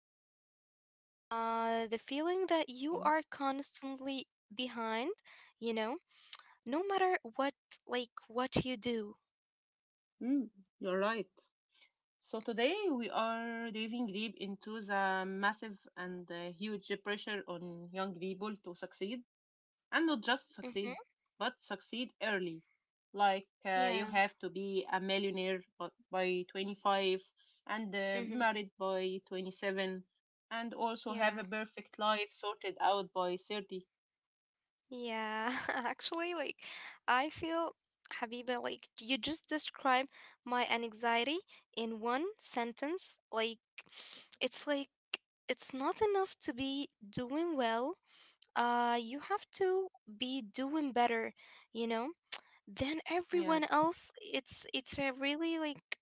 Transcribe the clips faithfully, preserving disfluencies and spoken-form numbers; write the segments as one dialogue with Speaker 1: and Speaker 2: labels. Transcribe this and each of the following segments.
Speaker 1: today. Uh, the feeling that
Speaker 2: Yeah.
Speaker 1: you are constantly behind, you know, no matter what like what you do.
Speaker 2: Mm, you're right. So today we are diving deep into the massive and uh, huge pressure on young people to succeed, and not just succeed,
Speaker 1: Mm-hmm.
Speaker 2: but succeed early. Like uh, you
Speaker 1: Yeah.
Speaker 2: have to be a millionaire bu- by twenty-five and uh,
Speaker 1: Mm-hmm.
Speaker 2: married by twenty-seven, and also have a
Speaker 1: Yeah.
Speaker 2: perfect life sorted out by thirty.
Speaker 1: Yeah. Actually, like I feel, Habiba, like you just described my anxiety in one sentence. Like it's like it's not enough to be doing well, uh you have to be doing better, you know, than everyone
Speaker 2: Yes,
Speaker 1: else. It's it's a really like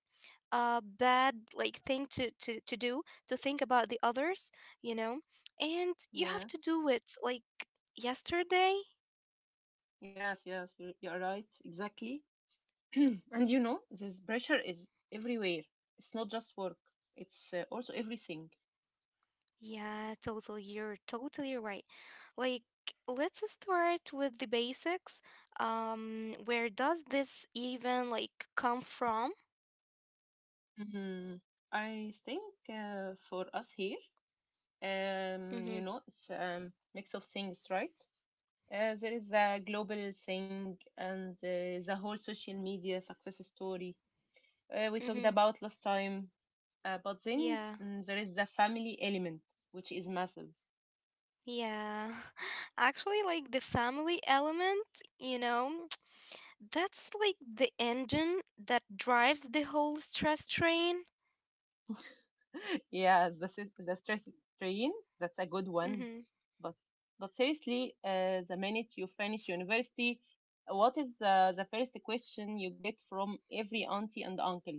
Speaker 1: uh bad like thing to to to do, to think about the others, you know, and you have
Speaker 2: yes,
Speaker 1: to do it like yesterday.
Speaker 2: yes, yes, you- you're right, exactly. And you know, this pressure is everywhere. It's not just work, it's uh, also everything.
Speaker 1: Yeah, totally, you're totally right. Like let's start with the basics. Um where does this even like come from?
Speaker 2: Mm, I think uh, for us here, um, you
Speaker 1: Mm-hmm.
Speaker 2: know, it's a mix of things, right? Uh, there is the global thing and uh, the whole social media success story uh, we talked
Speaker 1: Mm-hmm.
Speaker 2: about last time. Uh, but then
Speaker 1: Yeah.
Speaker 2: mm, there is the family element, which is massive.
Speaker 1: Yeah. Actually, like the family element, you know, that's like the engine that drives the whole stress train.
Speaker 2: Yeah, the sys- the stress train. That's a good one.
Speaker 1: Hmm.
Speaker 2: But but seriously, uh, the minute you finish university, what is the the first question you get from every auntie and uncle?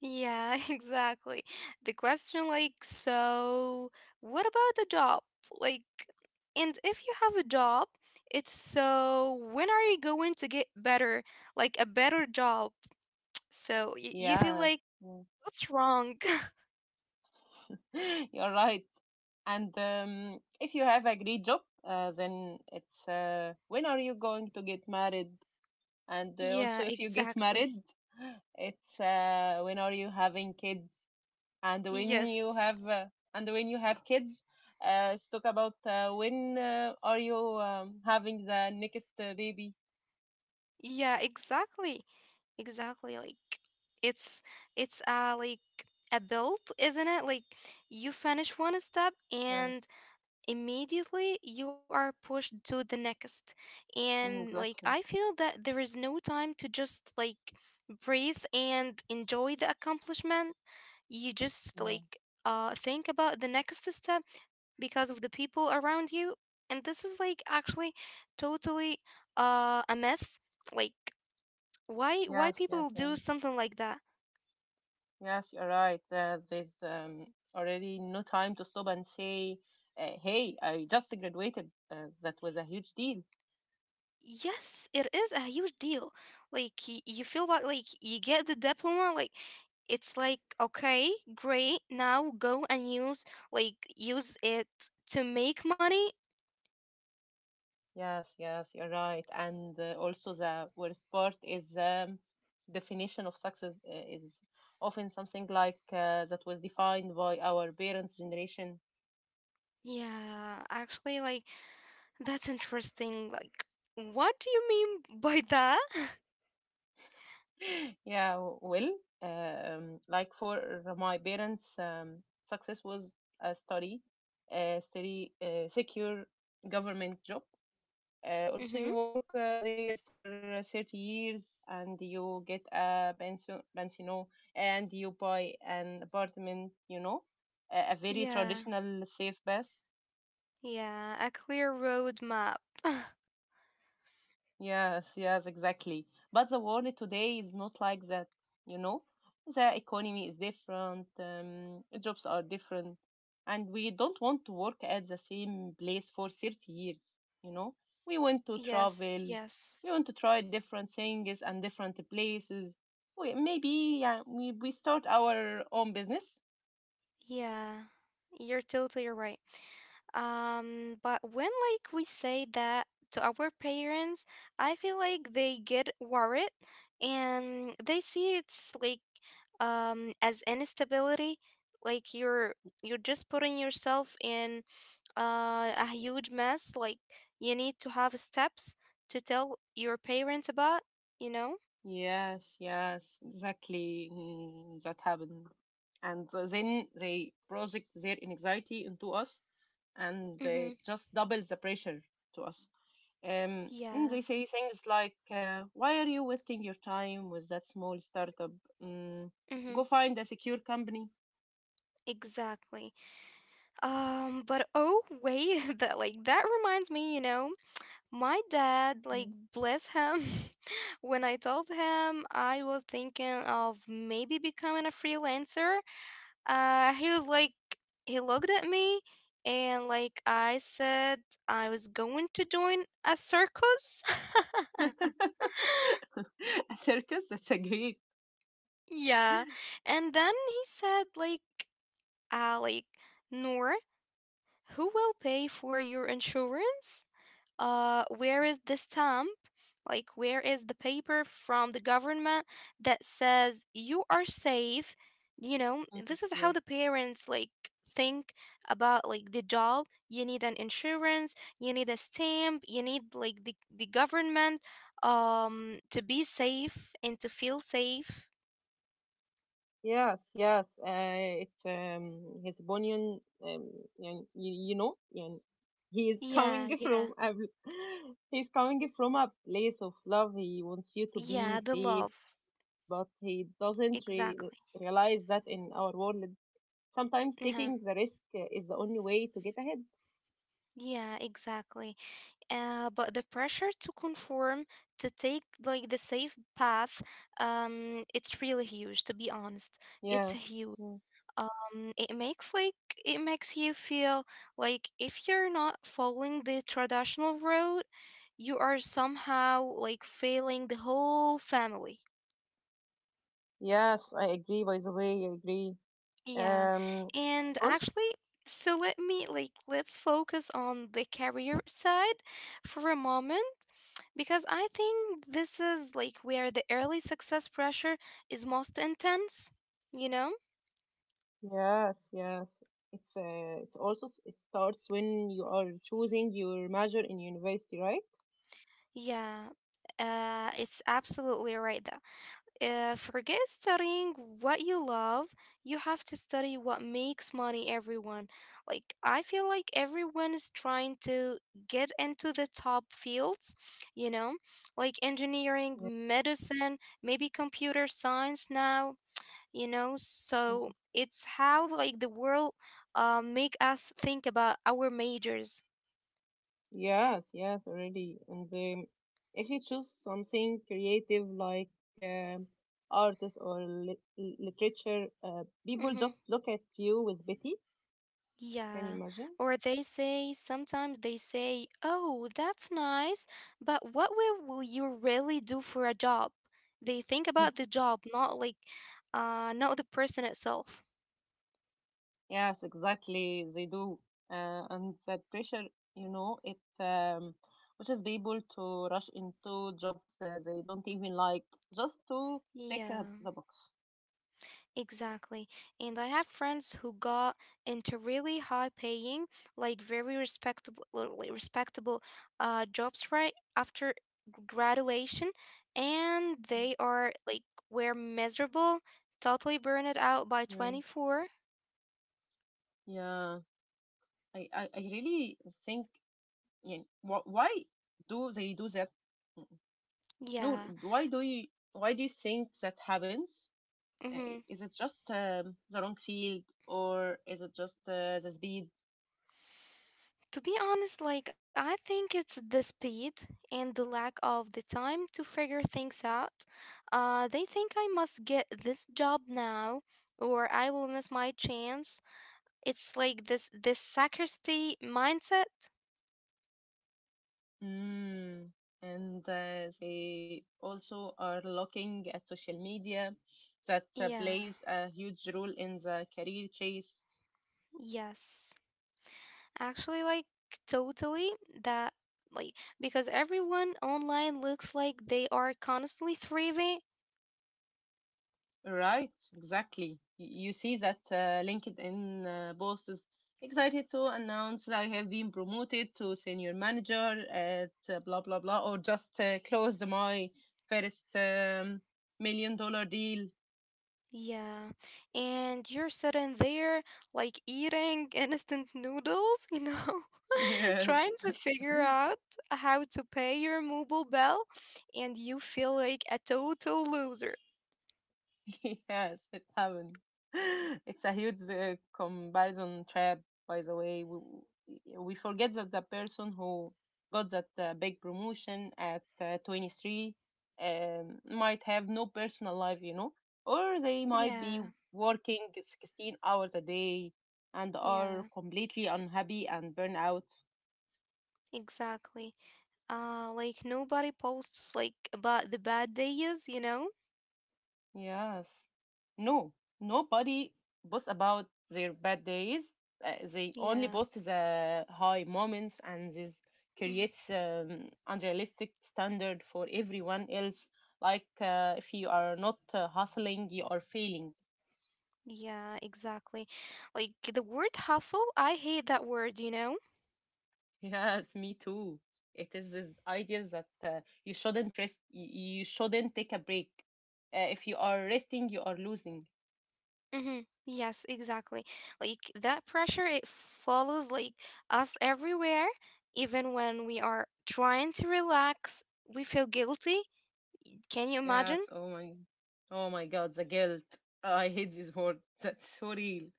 Speaker 1: Yeah, exactly. The question, like, so what about the job? Like, and if you have a job, it's, so when are you going to get better, like a better job? So y- you feel
Speaker 2: Yeah,
Speaker 1: like,
Speaker 2: yeah.
Speaker 1: what's wrong?
Speaker 2: You're right. And um, if you have a great job, uh, then it's uh, when are you going to get married? And uh,
Speaker 1: Yeah,
Speaker 2: also, if you get
Speaker 1: exactly.
Speaker 2: married, it's uh, when are you having kids? and when you
Speaker 1: Yes.
Speaker 2: have uh, and when you have kids, uh, let's talk about uh, when uh, are you um, having the next uh, baby.
Speaker 1: Yeah, exactly. Exactly. Like it's it's uh like a build, isn't it? Like you finish one step
Speaker 2: Yes.
Speaker 1: and immediately you are pushed to the next. And
Speaker 2: Mm,
Speaker 1: like I
Speaker 2: exactly.
Speaker 1: feel that there is no time to just like breathe and enjoy the accomplishment. You just
Speaker 2: Yeah,
Speaker 1: like uh think about the next step because of the people around you. And this is like actually totally uh a myth. Like why why
Speaker 2: yes, yes,
Speaker 1: people
Speaker 2: yeah.
Speaker 1: do something like that.
Speaker 2: Yes, you're right. Uh, there's um, already no time to stop and say, uh, hey, I just graduated, uh, that was a huge deal.
Speaker 1: Yes, it is a huge deal. Like y- you feel like like you get the diploma. Like it's like, okay, great, now go and use, like use it to make money.
Speaker 2: Yes, yes, you're right. And uh, also the worst part is, um, definition of success uh, is often something like uh, that was defined by our parents' generation.
Speaker 1: Yeah, actually, like that's interesting. Like what do you mean by that?
Speaker 2: Yeah, w- well, um, like for my parents, um, success was a study, a steady, uh, secure government job. Uh, also,
Speaker 1: Mm-hmm.
Speaker 2: you work uh, there for uh, thirty years and you get a pension, pension and you buy an apartment, you know, a, a very
Speaker 1: Yeah.
Speaker 2: traditional safe pass.
Speaker 1: Yeah, a clear roadmap.
Speaker 2: Yes, yes, exactly. But the world today is not like that, you know? The economy is different, um, jobs are different, and we don't want to work at the same place for thirty years, you know? We want to
Speaker 1: Yes,
Speaker 2: travel,
Speaker 1: yes.
Speaker 2: we want to try different things and different places. We, maybe yeah, we, we start our own business.
Speaker 1: Yeah, you're totally right. Um, but when like we say that to our parents, I feel like they get worried and they see it's like um as instability, like you're you're just putting yourself in uh, a huge mess. Like you need to have steps to tell your parents about, you know?
Speaker 2: Yes, yes, exactly. Mm, that happened. And uh, then they project their anxiety into us and
Speaker 1: Mm-hmm.
Speaker 2: they just double the pressure to us. Um,
Speaker 1: Yeah.
Speaker 2: and they say things like, uh, why are you wasting your time with that small startup? Mm,
Speaker 1: Mm-hmm.
Speaker 2: go find a secure company.
Speaker 1: Exactly. Um, but oh wait, that like that reminds me, you know, my dad, like
Speaker 2: Mm.
Speaker 1: bless him, when I told him I was thinking of maybe becoming a freelancer, uh he was like, he looked at me and like I said I was going to join a circus.
Speaker 2: A circus? That's a great.
Speaker 1: Yeah. And then he said like, uh like Noor, who will pay for your insurance? Uh, where is the stamp? Like, where is the paper from the government that says you are safe? You know,
Speaker 2: Mm,
Speaker 1: this is how
Speaker 2: yeah.
Speaker 1: the parents like think about like the job. You need an insurance, you need a stamp, you need like the, the government um to be safe and to feel safe.
Speaker 2: Yes, yes. Uh, it's um, his bunion. Um, you, you know, and he is coming
Speaker 1: Yeah, yeah.
Speaker 2: from a, he's coming from a place of love. He wants you to
Speaker 1: Yeah,
Speaker 2: be
Speaker 1: the
Speaker 2: safe,
Speaker 1: love.
Speaker 2: but he doesn't re-
Speaker 1: Exactly.
Speaker 2: realize that in our world, sometimes
Speaker 1: Yeah.
Speaker 2: taking the risk uh, is the only way to get ahead.
Speaker 1: Yeah, exactly. uh, but the pressure to conform, to take like the safe path, um it's really huge, to be honest. It's
Speaker 2: Yes,
Speaker 1: huge.
Speaker 2: yes,
Speaker 1: Um it makes like it makes you feel like if you're not following the traditional road, you are somehow like failing the whole family.
Speaker 2: yes. I agree. By the way, I agree.
Speaker 1: Yeah.
Speaker 2: Um,
Speaker 1: And
Speaker 2: also,
Speaker 1: actually, so let me like, let's focus on the career side for a moment because I think this is like where the early success pressure is most intense, you know?
Speaker 2: yes, yes. It's uh, it's also s- it starts when you are choosing your major in university, right?
Speaker 1: Yeah. Uh it's absolutely right. Uh, forget studying what you love. You have to study what makes money, everyone. Like I feel like everyone is trying to get into the top fields, you know, like engineering, medicine, maybe computer science now, you know.
Speaker 2: Yeah.
Speaker 1: So it's how like the world uh, make us think about our majors.
Speaker 2: Yes, yes, already. And um, if you choose something creative like um, artists or lit literature, uh, people
Speaker 1: Mm-hmm.
Speaker 2: just look at you with pity. Can you
Speaker 1: Yeah,
Speaker 2: imagine?
Speaker 1: or they say, sometimes they say, "Oh, that's nice, but what will, will you really do for a job?" They think about the job, not like uh not the person itself.
Speaker 2: Yes, exactly. They do. Uh, and that pressure, you know, it um, pushes people to rush into jobs uh, they don't even like, just to tick
Speaker 1: Yeah.
Speaker 2: uh, the box.
Speaker 1: Exactly. And I have friends who got into really high paying, like very respectable li- respectable uh jobs right after g- graduation, and they are like were miserable, totally burned out by
Speaker 2: Yeah,
Speaker 1: twenty-four.
Speaker 2: yeah. I, I, I really think, yeah, wh- why do they do that? Mm. No,
Speaker 1: Yeah.
Speaker 2: why do you, why do you think that happens? Uh,
Speaker 1: Mhm.
Speaker 2: Is it just um, the wrong field, or is it just uh, the speed?
Speaker 1: To be honest, like I think it's the speed and the lack of the time to figure things out. Uh, they think I must get this job now or I will miss my chance. It's like this this scarcity mindset.
Speaker 2: Mm, and uh, they also are looking at social media that uh,
Speaker 1: Yeah,
Speaker 2: plays a huge role in the career chase.
Speaker 1: yes. Actually, like totally that, like because everyone online looks like they are constantly thriving.
Speaker 2: Right, exactly. Y- You see that uh, LinkedIn uh, boss is excited to announce I have been promoted to senior manager at uh, blah blah blah, or just uh, closed my first um, million dollar deal.
Speaker 1: Yeah, and you're sitting there like eating instant noodles, you know,
Speaker 2: Yes.
Speaker 1: trying to figure out how to pay your mobile bill, and you feel like a total loser.
Speaker 2: Yes, it happened. It's a huge uh, comparison trap, by the way. We, we forget that the person who got that uh, big promotion at uh, twenty-three um, might have no personal life, you know, or they might be
Speaker 1: Yeah,
Speaker 2: working sixteen hours a day and are
Speaker 1: yeah,
Speaker 2: completely unhappy and burnout.
Speaker 1: exactly. Uh, like nobody posts like about the bad days, you know?
Speaker 2: Yes. No, nobody boasts about their bad days. Uh, they only
Speaker 1: Yeah.
Speaker 2: boast the high moments, and this
Speaker 1: Mm.
Speaker 2: creates um, unrealistic standard for everyone else. Like uh, if you are not uh, hustling, you are failing.
Speaker 1: Yeah, exactly. Like the word hustle, I hate that word, you know?
Speaker 2: Yes, me too. It is this idea that uh, you shouldn't rest. You you shouldn't take a break. Uh, if you are resting, you are losing.
Speaker 1: Mm-hmm. Yes, exactly. Like that pressure, it follows like us everywhere. Even when we are trying to relax, we feel guilty. Can you imagine?
Speaker 2: Yes, oh my, oh my God, the guilt. Oh, I hate this word. That's so real.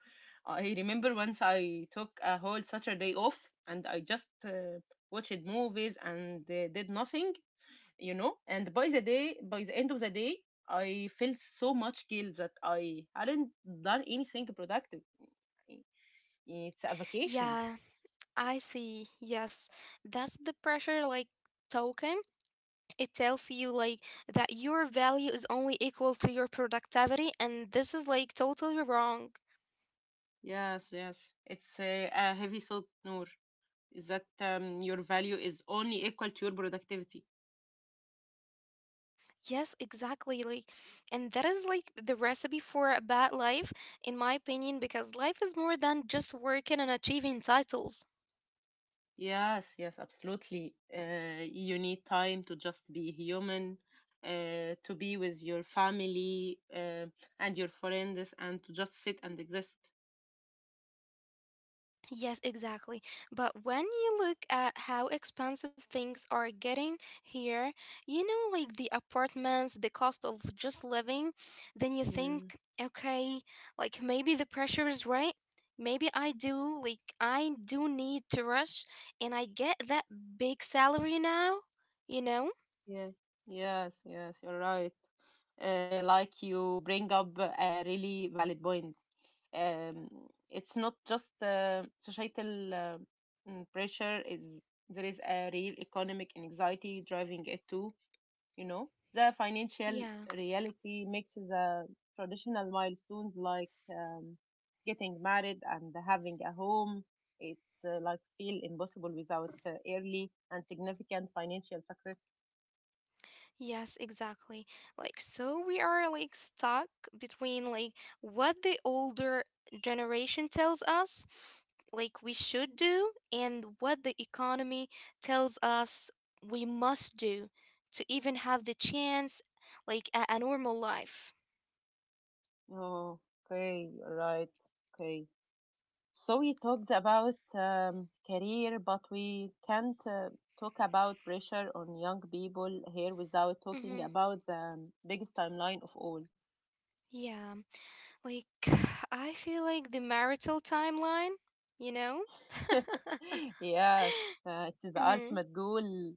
Speaker 2: I remember once I took a whole Saturday off and I just uh, watched movies and uh, did nothing, you know. And by the day, by the end of the day, I felt so much guilt that I hadn't done anything productive. It's a vacation.
Speaker 1: Yeah, I see. Yes, that's the pressure like token. It tells you like that your value is only equal to your productivity, and this is like totally wrong.
Speaker 2: Yes, yes. It's a, a heavy thought, Noor. Is that um, your value is only equal to your productivity?
Speaker 1: Yes, exactly. Like, and that is like the recipe for a bad life, in my opinion, because life is more than just working and achieving titles.
Speaker 2: Yes, yes, absolutely. Uh, you need time to just be human, uh, to be with your family, uh, and your friends, and to just sit and exist.
Speaker 1: Yes, exactly. But when you look at how expensive things are getting here, you know, like the apartments, the cost of just living, then you
Speaker 2: Yeah,
Speaker 1: think, okay, like maybe the pressure is right. Maybe I do, like, I do need to rush and I get that big salary now, you know?
Speaker 2: yeah, yes, yes, you're right. Uh, like you bring up a really valid point. Um, it's not just uh, societal uh, mm, pressure, is there is a real economic anxiety driving it too. You know, the financial
Speaker 1: Yeah.
Speaker 2: reality mixes uh, traditional milestones like um, getting married and having a home, it's uh, like feel impossible without uh, early and significant financial success.
Speaker 1: Yes, exactly. Like, so we are like stuck between like what the older generation tells us, like we should do, and what the economy tells us we must do to even have the chance, like a, a normal life.
Speaker 2: Oh, okay, right, okay. So we talked about um, career, but we can't uh, talk about pressure on young people here without
Speaker 1: Mm-hmm.
Speaker 2: talking about the um, biggest timeline of all.
Speaker 1: Yeah, like I feel like the marital timeline, you know?
Speaker 2: Yes, uh, it is the
Speaker 1: Mm-hmm.
Speaker 2: ultimate goal.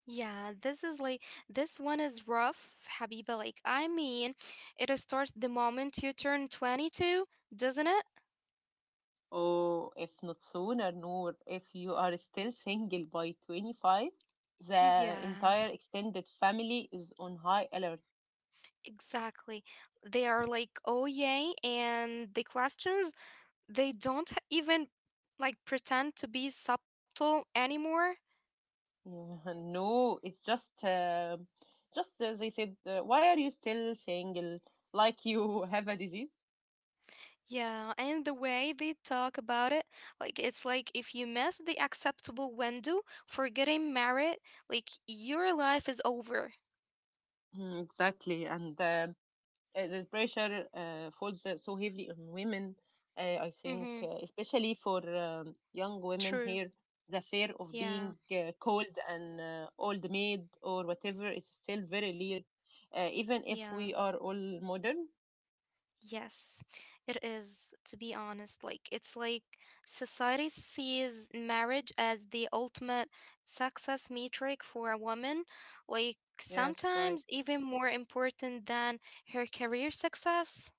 Speaker 1: Yeah, this is like this one is rough, Habiba. Like, I mean, it starts the moment you turn twenty-two, doesn't it?
Speaker 2: Oh, if not sooner, Noor, if you are still single by twenty-five, the
Speaker 1: Yeah,
Speaker 2: entire extended family is on high alert.
Speaker 1: exactly. They are like, oh, yay. And the questions, they don't h- even like pretend to be subtle anymore.
Speaker 2: Yeah, no, it's just, uh, just as they said, uh, why are you still single? Like you have a disease?
Speaker 1: Yeah, and the way they talk about it, like, it's like if you miss the acceptable window for getting married, like, your life is over.
Speaker 2: Mm, exactly, and uh, uh, this pressure uh, falls uh, so heavily on women. Uh, I think,
Speaker 1: Mm-hmm.
Speaker 2: uh, especially for um, young women
Speaker 1: True.
Speaker 2: here, the fear of
Speaker 1: Yeah.
Speaker 2: being uh, called an uh, old maid or whatever is still very real, uh, even if
Speaker 1: Yeah,
Speaker 2: we are all modern.
Speaker 1: yes, it is, to be honest. Like, it's like society sees marriage as the ultimate success metric for a woman, like,
Speaker 2: Yes, right.
Speaker 1: sometimes even more important than her career success.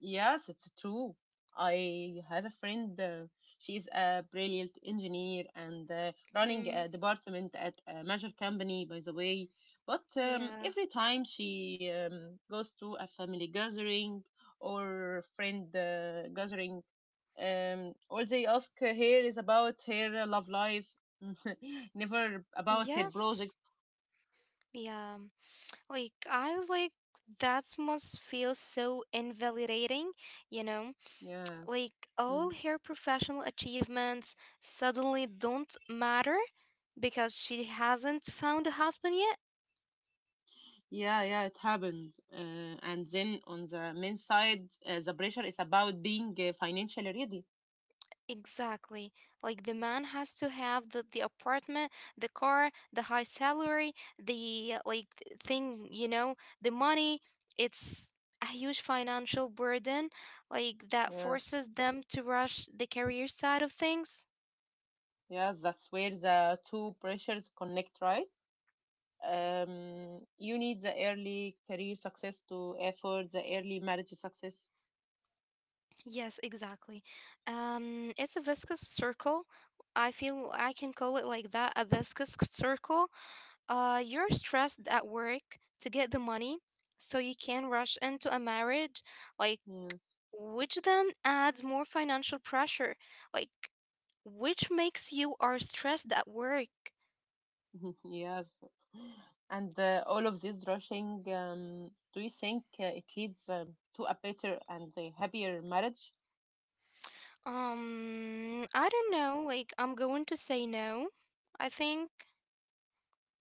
Speaker 2: Yes, it's true. I have a friend. Uh, she's a brilliant engineer and uh, running
Speaker 1: Mhm.
Speaker 2: a department at a major company, by the way. But um,
Speaker 1: Yeah.
Speaker 2: every time she um, goes to a family gathering or friend uh, gathering, um, all they ask her is about her love life, never about her
Speaker 1: Yes.
Speaker 2: projects.
Speaker 1: Yeah. Like, I was like, that must feel so invalidating, you know?
Speaker 2: Yes.
Speaker 1: Like
Speaker 2: Hmm.
Speaker 1: all her professional achievements suddenly don't matter because she hasn't found a husband yet?
Speaker 2: Yeah, yeah, it happened. Uh, and then on the men's side, uh, the pressure is about being uh, financially ready.
Speaker 1: Exactly. Like the man has to have the, the apartment, the car, the high salary, the uh, like th- thing, you know, the money. It's a huge financial burden like that
Speaker 2: Yes,
Speaker 1: forces them to rush the career side of things.
Speaker 2: yes, that's where the two pressures connect, right? Um, you need the early career success to effort the early marriage success.
Speaker 1: Yes, exactly. Um, it's a viscous circle. I feel I can call it like that, a viscous c- circle. Uh, you're stressed at work to get the money, so you can rush into a marriage, like
Speaker 2: Yes,
Speaker 1: which then adds more financial pressure, like which makes you are stressed at work.
Speaker 2: yes. And uh, all of this rushing, um, do you think uh, it leads um, to a better and a happier marriage?
Speaker 1: Um, I don't know. Like I'm going to say no. I think.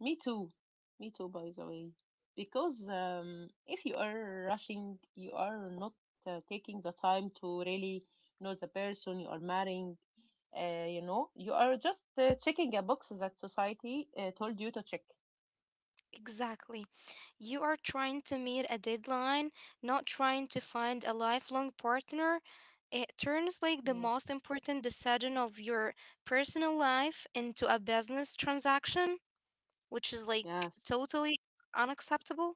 Speaker 2: Me too. Me too, by the way. Because um, if you are rushing, you are not uh, taking the time to really know the person you are marrying. Uh, you know, you are just uh, checking a box that society uh, told you to check.
Speaker 1: Exactly. You are trying to meet a deadline, not trying to find a lifelong partner. It turns like the
Speaker 2: Yes.
Speaker 1: most important decision of your personal life into a business transaction, which is like
Speaker 2: Yes.
Speaker 1: totally unacceptable.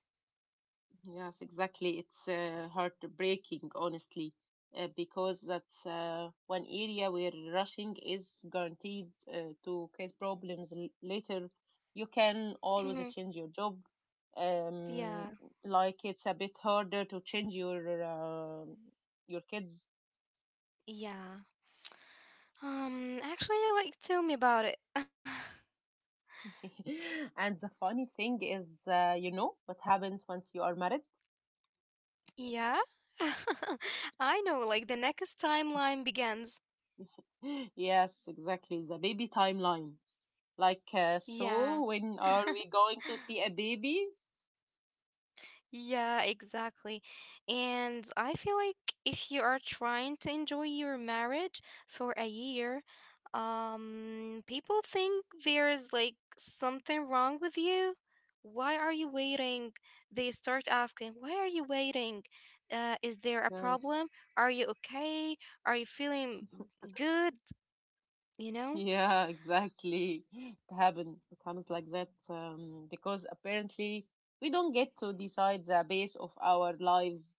Speaker 2: Yes, exactly. It's uh, heartbreaking, honestly, uh, because that's uh, one area where rushing is guaranteed uh, to cause problems l- later. You can
Speaker 1: Mhm.
Speaker 2: always change your job.
Speaker 1: Yeah,
Speaker 2: Um, like it's a bit harder to change your uh, your kids.
Speaker 1: yeah. Um, actually, like, tell me about it.
Speaker 2: And the funny thing is, uh, you know what happens once you are married?
Speaker 1: Yeah, I know, like, the next timeline begins.
Speaker 2: Yes, exactly. The baby timeline. Like, uh,
Speaker 1: Yeah.
Speaker 2: so when are we going to see a baby?
Speaker 1: Yeah, exactly. And I feel like if you are trying to enjoy your marriage for a year, um, people think there's like something wrong with you. Why are you waiting? They start asking, why are you waiting? Uh, is there a
Speaker 2: Yes.
Speaker 1: problem? Are you okay? Are you feeling good? You know?
Speaker 2: Yeah, exactly. It happen it happens like that, um, because apparently we don't get to decide the base of our lives,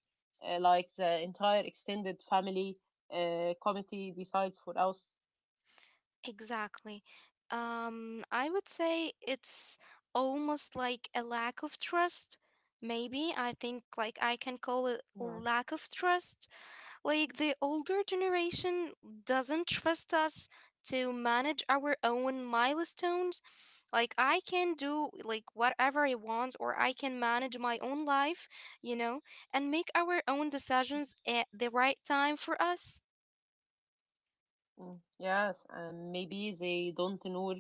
Speaker 2: uh, like the entire extended family uh, committee decides for us.
Speaker 1: Exactly. Um, I would say it's almost like a lack of trust. Maybe I think like I can call it
Speaker 2: Yeah.
Speaker 1: lack of trust. Like the older generation doesn't trust us to manage our own milestones. Like I can do like whatever I want or I can manage my own life, you know, and make our own decisions at the right time for us.
Speaker 2: Mm, yes, um, maybe they don't know,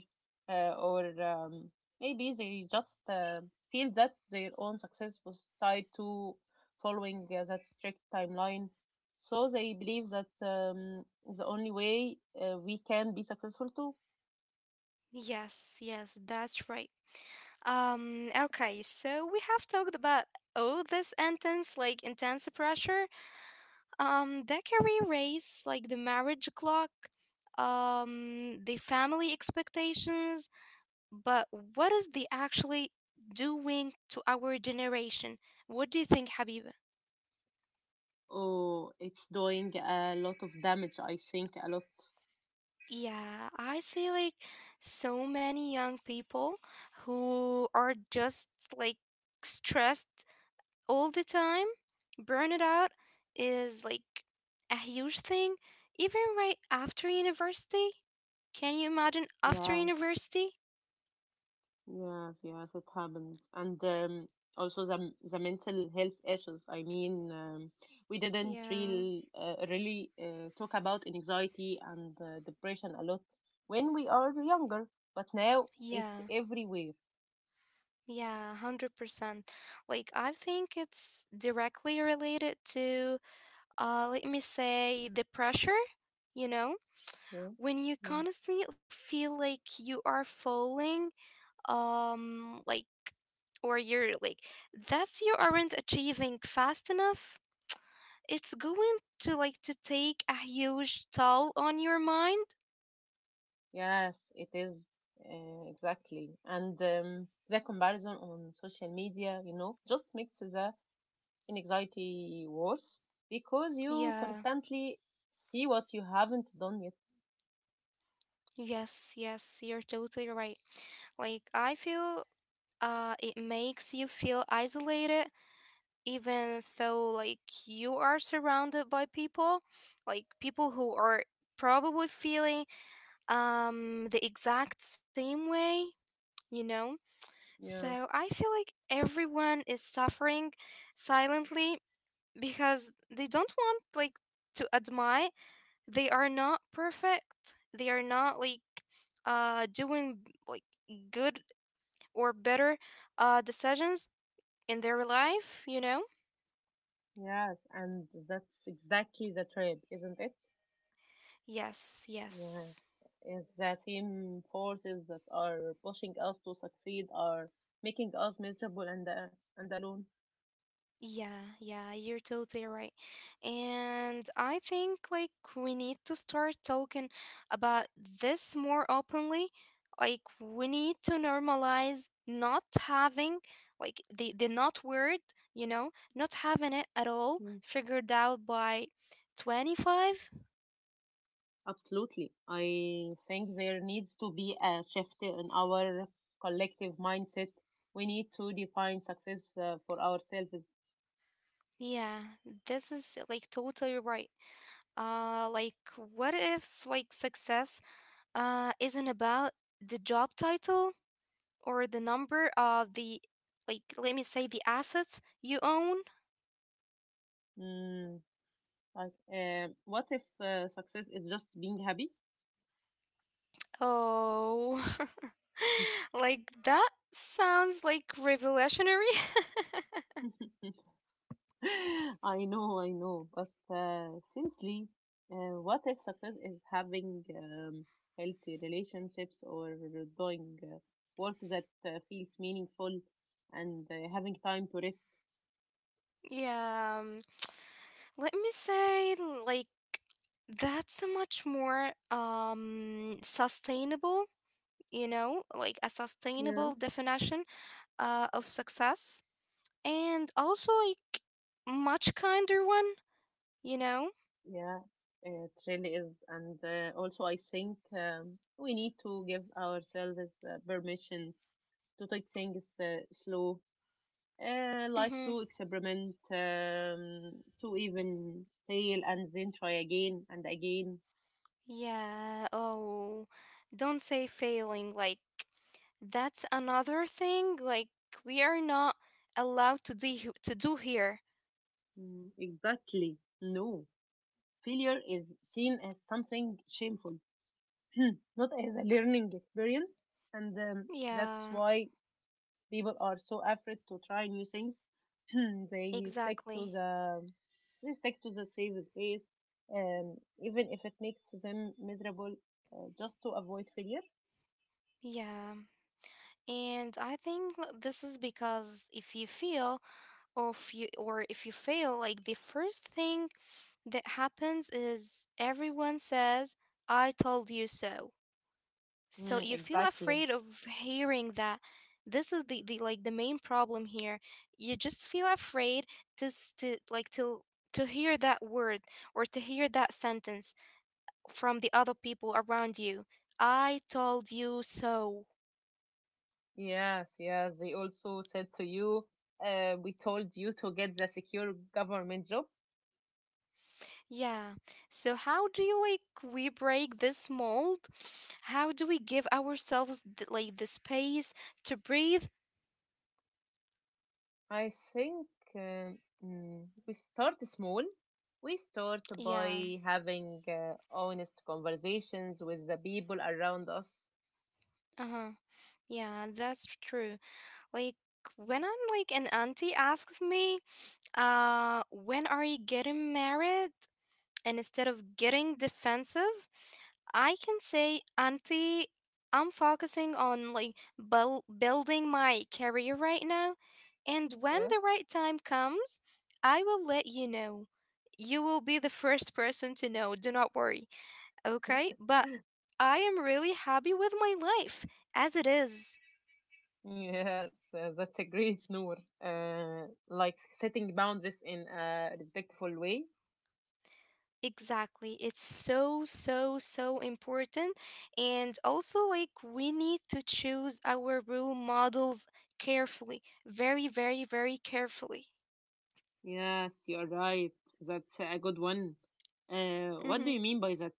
Speaker 2: uh, or um, maybe they just uh, feel that their own success was tied to following uh, that strict timeline. So they believe that um, the only way uh, we can be successful too.
Speaker 1: Yes, yes, that's right. Um, okay, so we have talked about all this intense, like intense pressure, um, the career race, like the marriage clock, um, the family expectations. But what is the actually doing to our generation? What do you think, Habiba?
Speaker 2: Oh, it's doing a lot of damage, I think, a lot.
Speaker 1: Yeah, I see, like, so many young people who are just like stressed all the time. Burnout is like a huge thing, even right after university. Can you imagine after
Speaker 2: Yeah.
Speaker 1: university?
Speaker 2: Yes, yes, it happens. And um, also the the mental health issues. I mean, um, we didn't
Speaker 1: Yeah,
Speaker 2: real, uh, really uh, talk about anxiety and uh, depression a lot when we are younger, but now it's
Speaker 1: yeah,
Speaker 2: everywhere.
Speaker 1: yeah, one hundred percent. Like, I think it's directly related to, uh, let me say, the pressure, you know?
Speaker 2: Yeah,
Speaker 1: When you
Speaker 2: yeah.
Speaker 1: constantly feel like you are falling, um, like, or you're like, that's you aren't achieving fast enough, it's going to like to take a huge toll on your mind.
Speaker 2: Yes, it is, uh, exactly. And um, the comparison on social media, you know, just makes the anxiety worse because you
Speaker 1: Yeah.
Speaker 2: constantly see what you haven't done.
Speaker 1: Yes, yes, you're totally right. Like I feel uh it makes you feel isolated, even though like you are surrounded by people, like people who are probably feeling um the exact same way, you know? So
Speaker 2: Yeah,
Speaker 1: I feel like everyone is suffering silently because they don't want like to admit they are not perfect, they are not like uh doing like good or better uh decisions in their life, you know
Speaker 2: yes, and that's exactly the trap, isn't it?
Speaker 1: yes,
Speaker 2: Yeah,
Speaker 1: yes.
Speaker 2: it's the same forces that are pushing us to succeed are making us miserable and uh, and alone.
Speaker 1: Yeah, yeah, you're totally right. And I think like we need to start talking about this more openly. Like we need to normalize not having like the the not word, you know, not having it at all
Speaker 2: Yes,
Speaker 1: figured out by twenty-five.
Speaker 2: absolutely. I think there needs to be a shift in our collective mindset. We need to define success uh, for ourselves.
Speaker 1: Yeah, this is like totally right. Uh like what if like success uh isn't about the job title or the number of the, like, let me say, the assets you own.
Speaker 2: Mm, like, um what if uh, success is just being happy?
Speaker 1: Oh, like that sounds like revolutionary.
Speaker 2: I know, I know. But uh, seriously, uh, what if success is having um, healthy relationships or doing uh, work that uh, feels meaningful and uh, having time to rest?
Speaker 1: Yeah, um, let me say, like, that's a much more um sustainable, you know like a
Speaker 2: Yeah.
Speaker 1: sustainable definition uh, of success, and also like much kinder one, you know
Speaker 2: Yeah, it really is. And uh, also, I think um, we need to give ourselves uh, permission to take things uh, slow. Uh, like
Speaker 1: mm-hmm.
Speaker 2: to experiment, um, to even fail and then try again and again.
Speaker 1: Yeah. Oh, don't say failing. Like, that's another thing. Like, we are not allowed to de- to do here.
Speaker 2: Mm, exactly. No. Failure is seen as something shameful, not as a learning experience. And um, that's
Speaker 1: Yeah,
Speaker 2: why people are so afraid to try new things. they stick to
Speaker 1: exactly.
Speaker 2: the they stick to the safe space, um, even if it makes them miserable, uh, just to avoid failure.
Speaker 1: Yeah. And I think l- this is because if you feel or if you or if you fail, like the first thing that happens is everyone says, "I told you so." So
Speaker 2: Mm,
Speaker 1: you feel
Speaker 2: exactly.
Speaker 1: afraid of hearing that. This is the, the like the main problem here. You just feel afraid to s- to like to to hear that word or to hear that sentence from the other people around you. I told you so.
Speaker 2: Yes, yes. They also said to you, uh, we told you to get the secure government job.
Speaker 1: Yeah. So how do you like we break this mold? How do we give ourselves the, like the space to breathe?
Speaker 2: I think, um, mm, we start small. We start
Speaker 1: Yeah,
Speaker 2: by having uh, honest conversations with the people around us.
Speaker 1: uh-huh, yeah, that's true. Like, when I'm like an auntie asks me, uh, when are you getting married? And instead of getting defensive, I can say, Auntie, I'm focusing on like buil- building my career right now. And when the
Speaker 2: Yes,
Speaker 1: right time comes, I will let you know. You will be the first person to know. Do not worry. Okay? But I am really happy with my life as it is.
Speaker 2: yes. Uh, that's a great, Noor. Uh, like setting boundaries in a respectful way.
Speaker 1: Exactly. It's so, so, so important. And also, like, we need to choose our role models carefully, very, very, very carefully.
Speaker 2: Yes, you're right. That's a good one. Uh, what do
Speaker 1: Mm-hmm.
Speaker 2: you mean by that?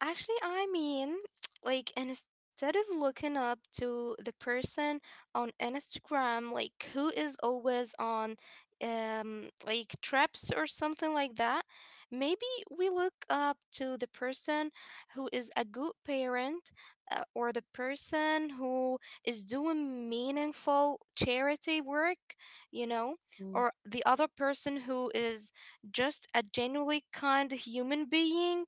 Speaker 1: Actually, I mean, like, and instead of looking up to the person on Instagram, like, who is always on, um, like, trips or something like that, maybe we look up to the person who is a good parent, uh, or the person who is doing meaningful charity work, you know, or the other person who is just a genuinely kind human being.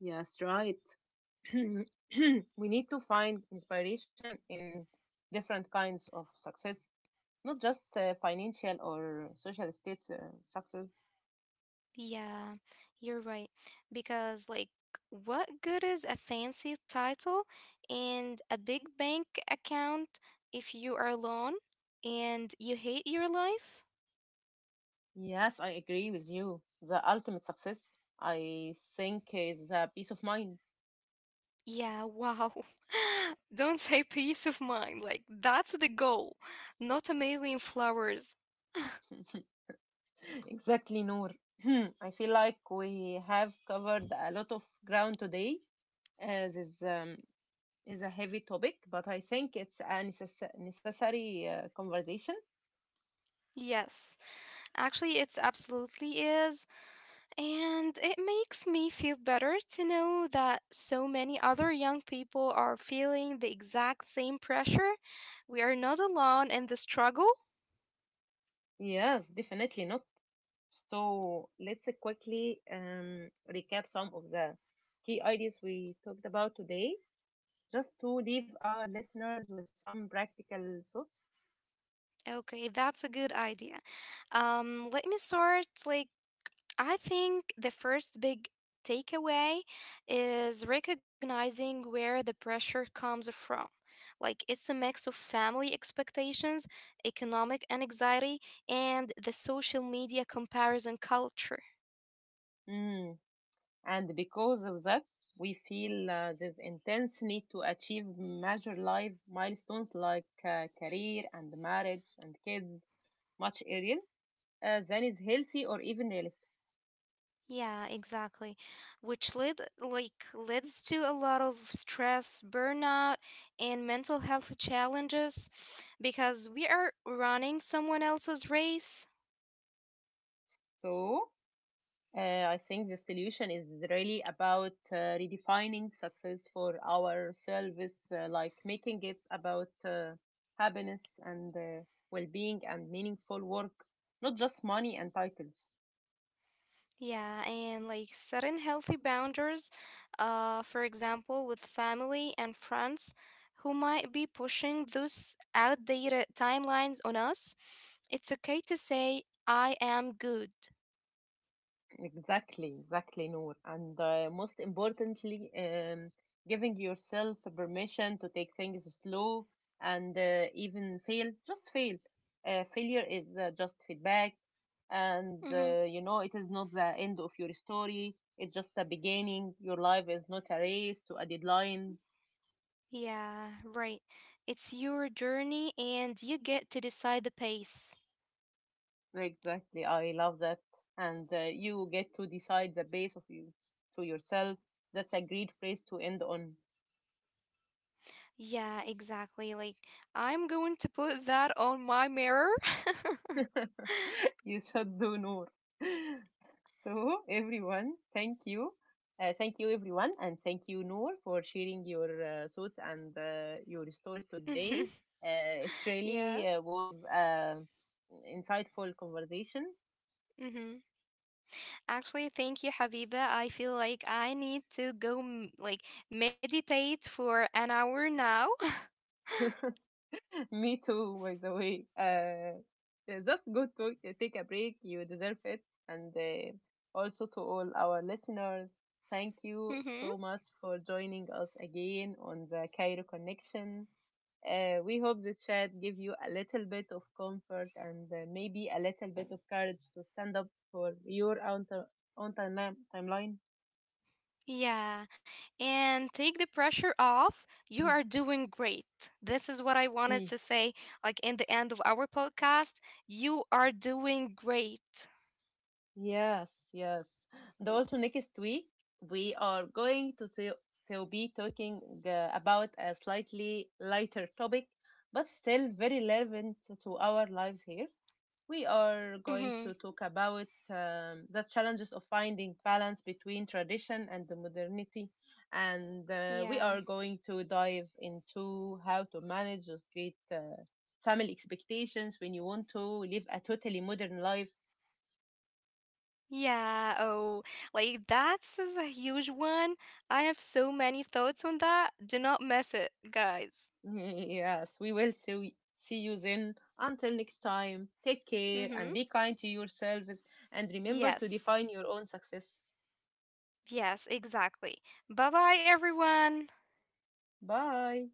Speaker 2: Yes, right. We need to find inspiration in different kinds of success, not just uh, financial or social status uh, success.
Speaker 1: Yeah, you're right. Because, like, what good is a fancy title and a big bank account if you are alone and you hate your life?
Speaker 2: Yes, I agree with you. The ultimate success, I think, is uh, peace of mind.
Speaker 1: Yeah, wow. Don't say peace of mind. Like, that's the goal, not a million flowers.
Speaker 2: Exactly, Noor. I feel like we have covered a lot of ground today. Uh, this um, is a heavy topic, but I think it's a necess- necessary uh, conversation.
Speaker 1: Yes, actually, it's absolutely is. And it makes me feel better to know that so many other young people are feeling the exact same pressure. We are not alone in the struggle.
Speaker 2: Yes, definitely not. So let's quickly um, recap some of the key ideas we talked about today, just to leave our listeners with some practical thoughts.
Speaker 1: Okay, that's a good idea. Um, let me start. Like, I think the first big takeaway is recognizing where the pressure comes from. Like, it's a mix of family expectations, economic anxiety, and the social media comparison culture.
Speaker 2: Mm. And because of that, we feel uh, this intense need to achieve major life milestones like uh, career and marriage and kids much earlier uh, than is healthy or even realistic.
Speaker 1: Yeah, exactly. Which led like leads to a lot of stress, burnout, and mental health challenges because we are running someone else's race.
Speaker 2: So Uh, I think the solution is really about uh, redefining success for ourselves, uh, like making it about uh, happiness and uh, well being and meaningful work, not just money and titles.
Speaker 1: Yeah, and like setting healthy boundaries, uh, for example, with family and friends who might be pushing those outdated timelines on us. It's okay to say, I am good.
Speaker 2: Exactly, exactly, Noor. And uh, most importantly, um, giving yourself permission to take things slow and uh, even fail. Just fail. Uh, failure is uh, just feedback. And,
Speaker 1: Mm-hmm.
Speaker 2: uh, you know, it is not the end of your story. It's just the beginning. Your life is not a race to a deadline.
Speaker 1: Yeah, right. It's your journey and you get to decide the pace.
Speaker 2: Exactly. I love that. And uh, you get to decide the base of you to yourself. That's a great phrase to end on.
Speaker 1: Yeah, exactly. Like, I'm going to put that on my mirror.
Speaker 2: You should do, Noor. So everyone, thank you. Uh, thank you everyone, and thank you, Noor, for sharing your uh, thoughts and uh, your stories today. Uh, it
Speaker 1: Yeah.
Speaker 2: really uh, was an insightful conversation.
Speaker 1: Mm-hmm. Actually, thank you, Habiba. I feel like I need to go m- like meditate for an hour now.
Speaker 2: Me too, by the way. Uh, uh, just go to uh, take a break. You deserve it. And uh, also to all our listeners, thank you
Speaker 1: Mm-hmm.
Speaker 2: so much for joining us again on the Cairo Connection. Uh, we hope the chat gave you a little bit of comfort and uh, maybe a little bit of courage to stand up for your own, ti- own time- timeline.
Speaker 1: Yeah. And take the pressure off. You are doing great. This is what I wanted to say, like, in the end of our podcast. You are doing great.
Speaker 2: Yes, yes. Dol also next week, we are going to to to be talking uh, about a slightly lighter topic, but still very relevant to our lives here. We are going
Speaker 1: Mm-hmm.
Speaker 2: to talk about um, the challenges of finding balance between tradition and the modernity, and uh, we
Speaker 1: Yeah.
Speaker 2: are going to dive into how to manage those great uh, family expectations when you want to live a totally modern life.
Speaker 1: Yeah. Oh, like that's is a huge one. I have so many thoughts on that. Do not miss it, guys.
Speaker 2: Yes, we will see, see you then. Until next time, take care and
Speaker 1: Mm-hmm.
Speaker 2: be kind to yourselves and remember to
Speaker 1: Yes.
Speaker 2: define your own success.
Speaker 1: Yes, exactly. Bye bye, everyone.
Speaker 2: Bye.